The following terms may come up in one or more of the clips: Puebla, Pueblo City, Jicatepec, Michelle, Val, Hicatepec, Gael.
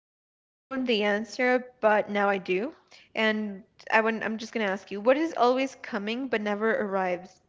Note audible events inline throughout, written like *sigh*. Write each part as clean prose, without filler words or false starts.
I've never known the answer, but now I do. And I wouldn't, I'm just gonna ask you, what is always coming but never arrives?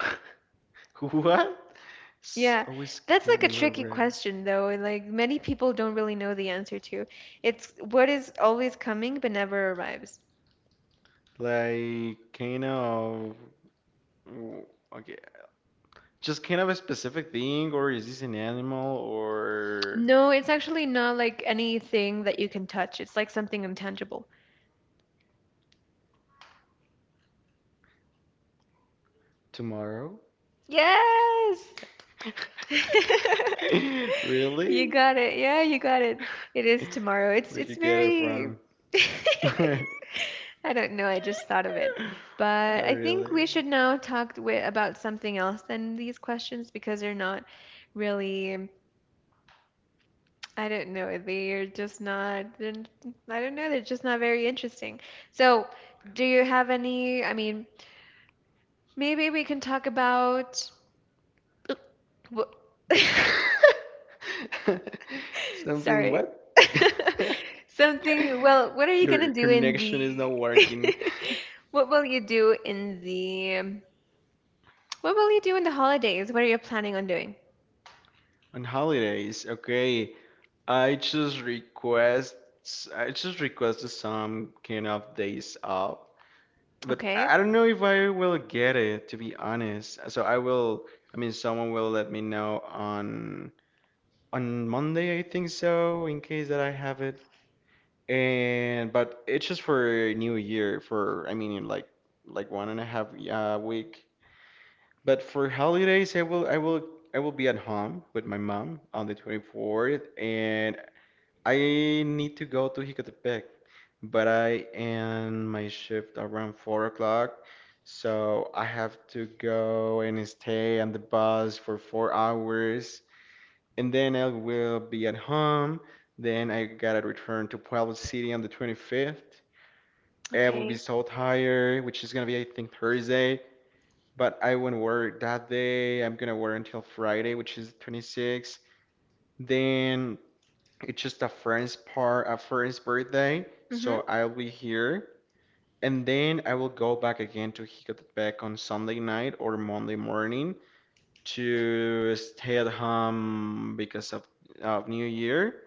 *laughs* What? Yeah, Always that's code like a never tricky arrives. question though, and like many people don't really know the answer to. It's what is always coming but never arrives. Like kind of w- okay. Just kind of a specific thing, or is this an animal or No, it's actually not like anything that you can touch. It's like something intangible. tomorrow? Yes! *laughs* *laughs* You Really? got it. Yeah, you got it. It is tomorrow. It's Where'd you it's get it very. from? *laughs* *laughs* I I don't know, I just thought of it. But I think really. we should now talk about something else than these questions because they're not really. I don't know, they're just not they're, I don't know, they're just not very interesting. So, do you have any? I mean, maybe we can talk about what. *laughs* *laughs* Something Sorry. what? *laughs* Something, well, what are *laughs* you Your gonna do in connection is not the? *laughs* working. What will you do in the what will you do in the holidays? What are you planning on doing? On holidays, okay. I just request I just requested some kind of days off, but Okay. I don't know if I will get it, to be honest. So I will, I mean, someone will let me know on Monday, I think, so in case that I have it. And but it's just for New Year, for I mean in like one and a half week. But for holidays, I will be at home with my mom on the 24th, and I need to go to Jicatepec, but I end my shift around 4 o'clock, so I have to go and stay on the bus for 4 hours, and then I will be at home. Then I gotta return to Pueblo City on the 25th. I will be Okay. so tired, which is gonna be, I think, Thursday, but I won't work that day. I'm gonna work until Friday, which is 26th. Then it's just a friend's birthday, so Mm-hmm. I'll be here. And then I will go back again to Hicatepec on Sunday night or Monday morning to stay at home, because of New Year.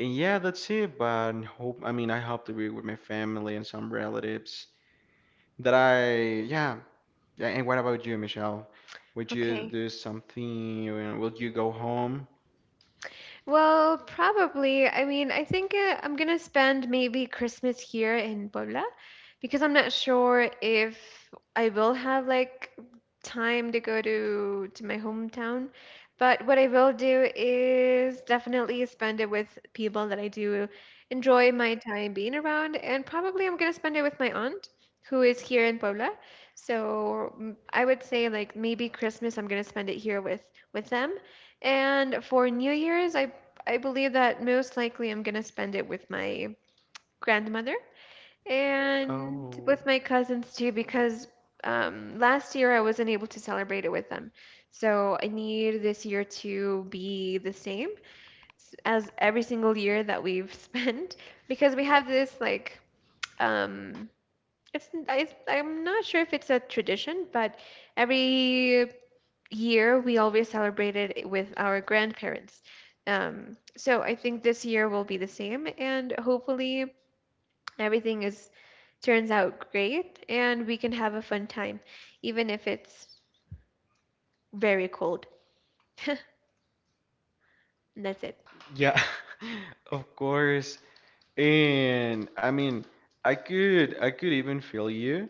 And yeah, that's it. But I mean, I hope to be with my family and some relatives that I, yeah. Yeah, and what about you, Michelle? Would you Okay. do something? Will you go home? Well, probably. I mean, I think I'm gonna spend maybe Christmas here in Puebla because I'm not sure if I will have like time to go to my hometown. But what I will do is definitely spend it with people that I do enjoy my time being around, and probably I'm gonna spend it with my aunt who is here in Puebla. So I would say like maybe Christmas I'm gonna spend it here with them. And for New Year's, I believe that most likely I'm going to spend it with my grandmother and Oh, with my cousins too, because last year I wasn't able to celebrate it with them. So I need this year to be the same as every single year that we've *laughs* spent, because we have this um, I'm not sure if it's a tradition, but every year we always celebrated with our grandparents. So I think this year will be the same, and hopefully everything is turns out great, and we can have a fun time, even if it's very cold. *laughs* And that's it. yeah, *laughs* of course. And I mean, I could even feel you,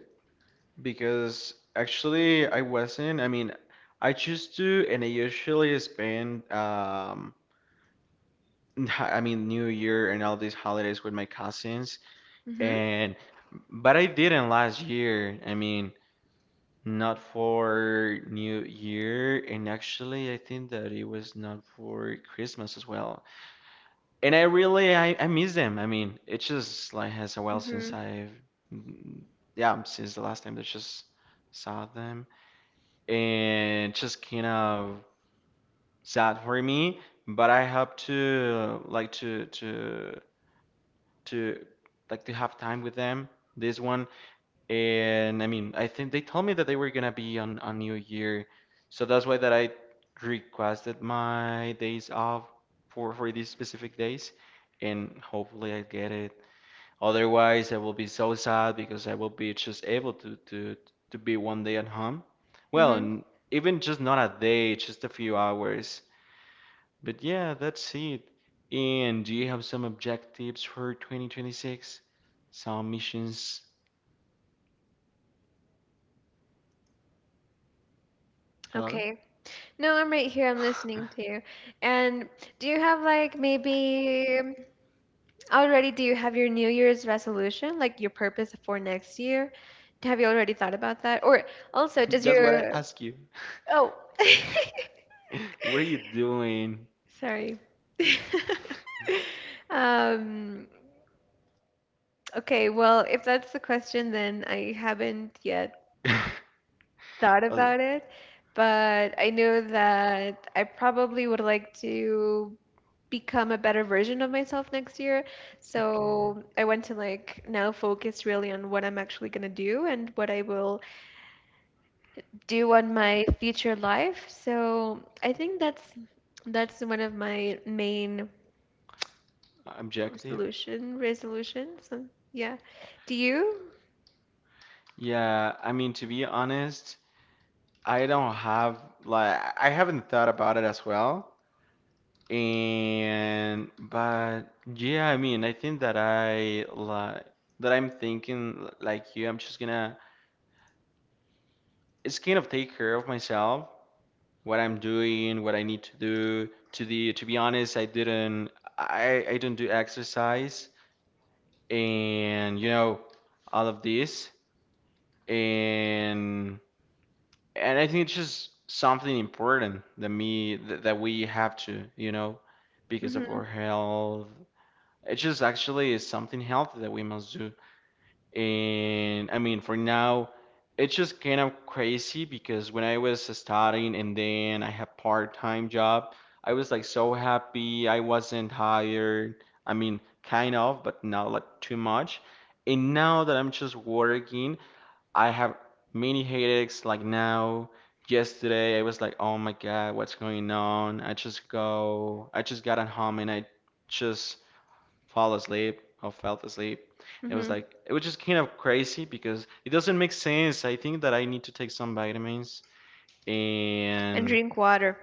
because actually I wasn't. I mean, I choose to, and I usually spend *laughs* I mean New Year and all these holidays with my cousins, Mhm. and but I didn't last year. I mean, not for New Year, and actually I think that it was not for Christmas as well. And I really I miss them. I mean, it's just like has a while since Mhm. I've mm, yeah, since the last time that just saw them, and just kind of sad for me. But I hope to like to to have time with them this one. And I mean, I think they told me that they were gonna be on New Year, so that's why that I requested my days off for these specific days, and hopefully I get it. Otherwise, I will be so sad, because I will be just able to be one day at home. Well, Mhm. and even just not a day, just a few hours. But yeah, that's it. And do you have some objectives for 2026? Some missions? Hello? Okay. No, I'm right here. I'm listening to *laughs* you. And do you have like maybe, already, do you have your New Year's resolution, like your purpose for next year? Have you already thought about that? Or also, does That's what your. I ask you. *laughs* Oh, What are you doing? *laughs* sorry. *laughs* Um, okay, well, if that's the question, then I haven't yet *laughs* thought Oh, about it, but I know that I probably would like to become a better version of myself next year. okay. So I want to like now focus really on what I'm actually going to do and what I will do on my future life. So I think that's one of my main Objective? resolutions. So, yeah. Do you? Yeah, I mean, to be honest, I don't have like I haven't thought about it as well. And but yeah, I mean, I think that I like that I'm thinking like you. I'm just gonna, it's kind of take care of myself, what I'm doing, what I need to do. To the to be honest, I didn't I don't do exercise and all of this, and and I think it's just something important that me, that we have to, because of our Hmm. health. It just actually is something healthy that we must do. And I mean, for now, it's just kind of crazy, because when I was studying and then I had part-time job, I was like so happy. I wasn't tired. I mean, kind of, but not like too much. And now that I'm just working, I have many headaches like now. Yesterday, I was like, oh my God, what's going on? I just got at home, and I just fall asleep or felt asleep. Hmm. It was just kind of crazy because it doesn't make sense. I think that I need to take some vitamins And and drink water.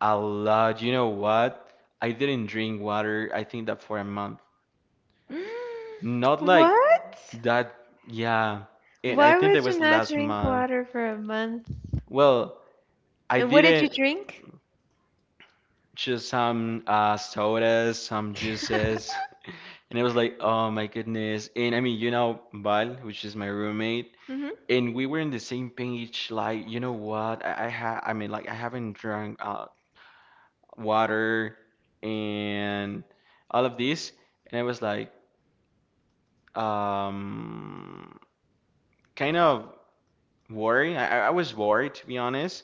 a lot. You know what? I didn't drink water, I think that for a month. *gasps* Not like What? that, yeah. And I Why think that would you was not last drink month. water for a month? Well, I And what did you didn't. drink? Just some sodas, some *laughs* juices. And I was like, oh my goodness. And I mean, Val, which is my roommate, Hmm. and we were in the same page. Like, you know what? I mean, like, I haven't drunk water and all of this. And I was like, um, kind of worried. I was worried, to be honest.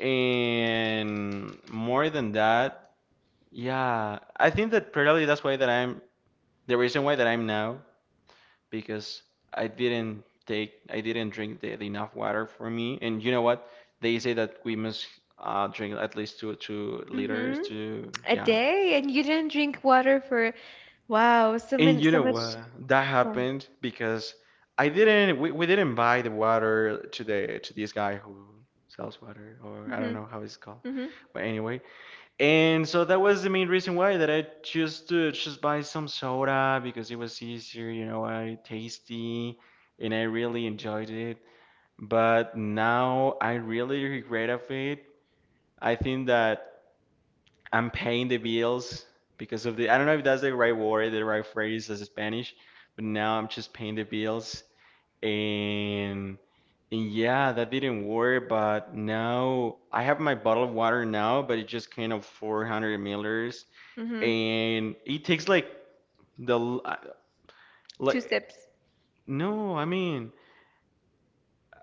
And more than that, yeah, I think that probably that's why that I'm. The reason why that I'm now, because I didn't drink the enough water for me. And you know what? They say that we must drink at least two liters Hmm. to, A yeah. day, and you didn't drink water for, wow, so And many, you so know much. what? That Fun. happened because I didn't we didn't buy the water to the to this guy who sells water, or I don't Hmm. know how it's called. Hmm. But anyway. And so that was the main reason why that I chose to just buy some soda, because it was easier, I tasty, and I really enjoyed it. But now I really regret of it. I think that I'm paying the bills because of the, I don't know if that's the right word, the right phrase as Spanish, but now I'm just paying the bills, and and yeah, that didn't work, but now I have my bottle of water now, but it just came of 400 milliliters, Hmm. and it takes like the uh, Two like sips. no, I mean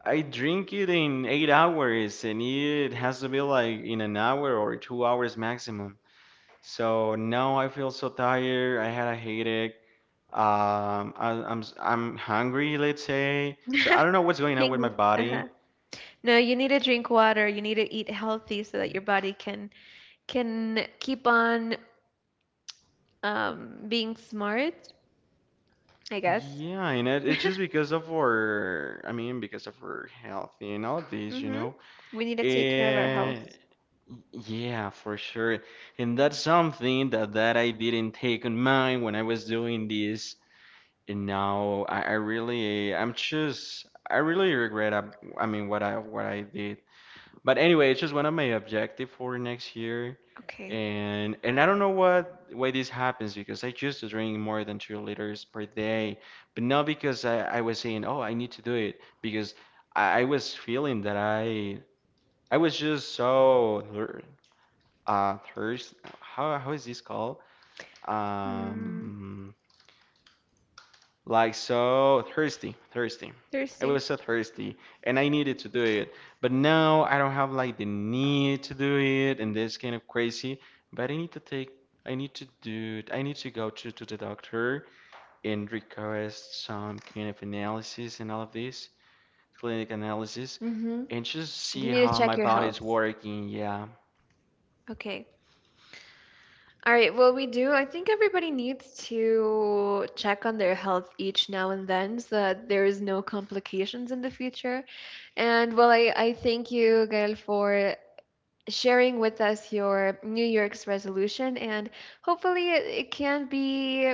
I drink it in 8 hours, and it has to be like in an hour or 2 hours maximum. So now I feel so tired. I had a headache. I'm hungry, let's say. So I don't *laughs* know what's going on with my Hungry. Uh-huh. body. No, you need to drink water. You need to eat healthy so that your body can keep on being smart, I guess. Yeah, and it, *laughs* it's just because of our, I mean, because of our health and all of these, you Hmm. know. We need to take care of our Uh, health. yeah, for sure. And that's something that I didn't take on mind when I was doing this. And now I really regret, I mean, what I did. But anyway, it's just one of my objective for next year. Okay. And I don't know what why this happens, because I used to drink more than 2 liters per day, but not because I was saying, oh, I need to do it, because I was feeling that I was just so thirst, how is this called? Mm, Um like so thirsty, thirsty. I was Thursday. so thirsty and I needed to do it. But now I don't have like the need to do it, and this kind of crazy. But I need to take I need to do I need to go to the doctor and request some kind of analysis and all of this, clinic analysis, Mm-hmm. and just You see need to how check my your body is health. working, yeah. Okay. All right. Well, we do. I think everybody needs to check on their health each now and then so that there is no complications in the future. And well, I thank you, Gael, for sharing with us your New Year's resolution, and hopefully it can be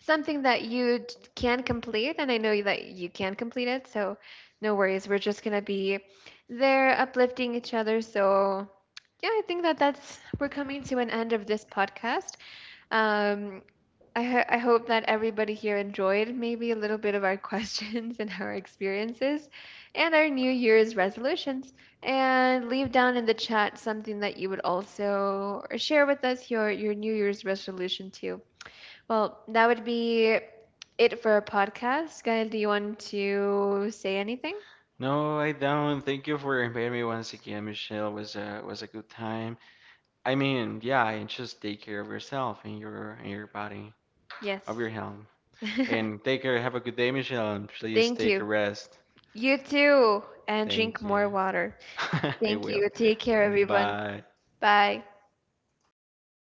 something that you can complete. And I know that you can complete it, so no worries. We're just gonna be there uplifting each other. So yeah, I think that that's we're coming to an end of this podcast. Um, I hope that everybody here enjoyed maybe a little bit of our *laughs* questions and our experiences and our New Year's resolutions. And leave down in the chat something that you would also share with us your New Year's resolution too. Well, that would be it for our podcast. Gael, do you want to say anything? No, I don't. Thank you for inviting me once again, Michelle. It was a good time. I mean, yeah, and just take care of yourself and your body, of your Yes. health. And *laughs* take care. Have a good day, Michelle. And please Thank take a you. rest. You too. And drink Thank you. more water. *laughs* I Thank will. you. Take care, everyone. Bye. Bye.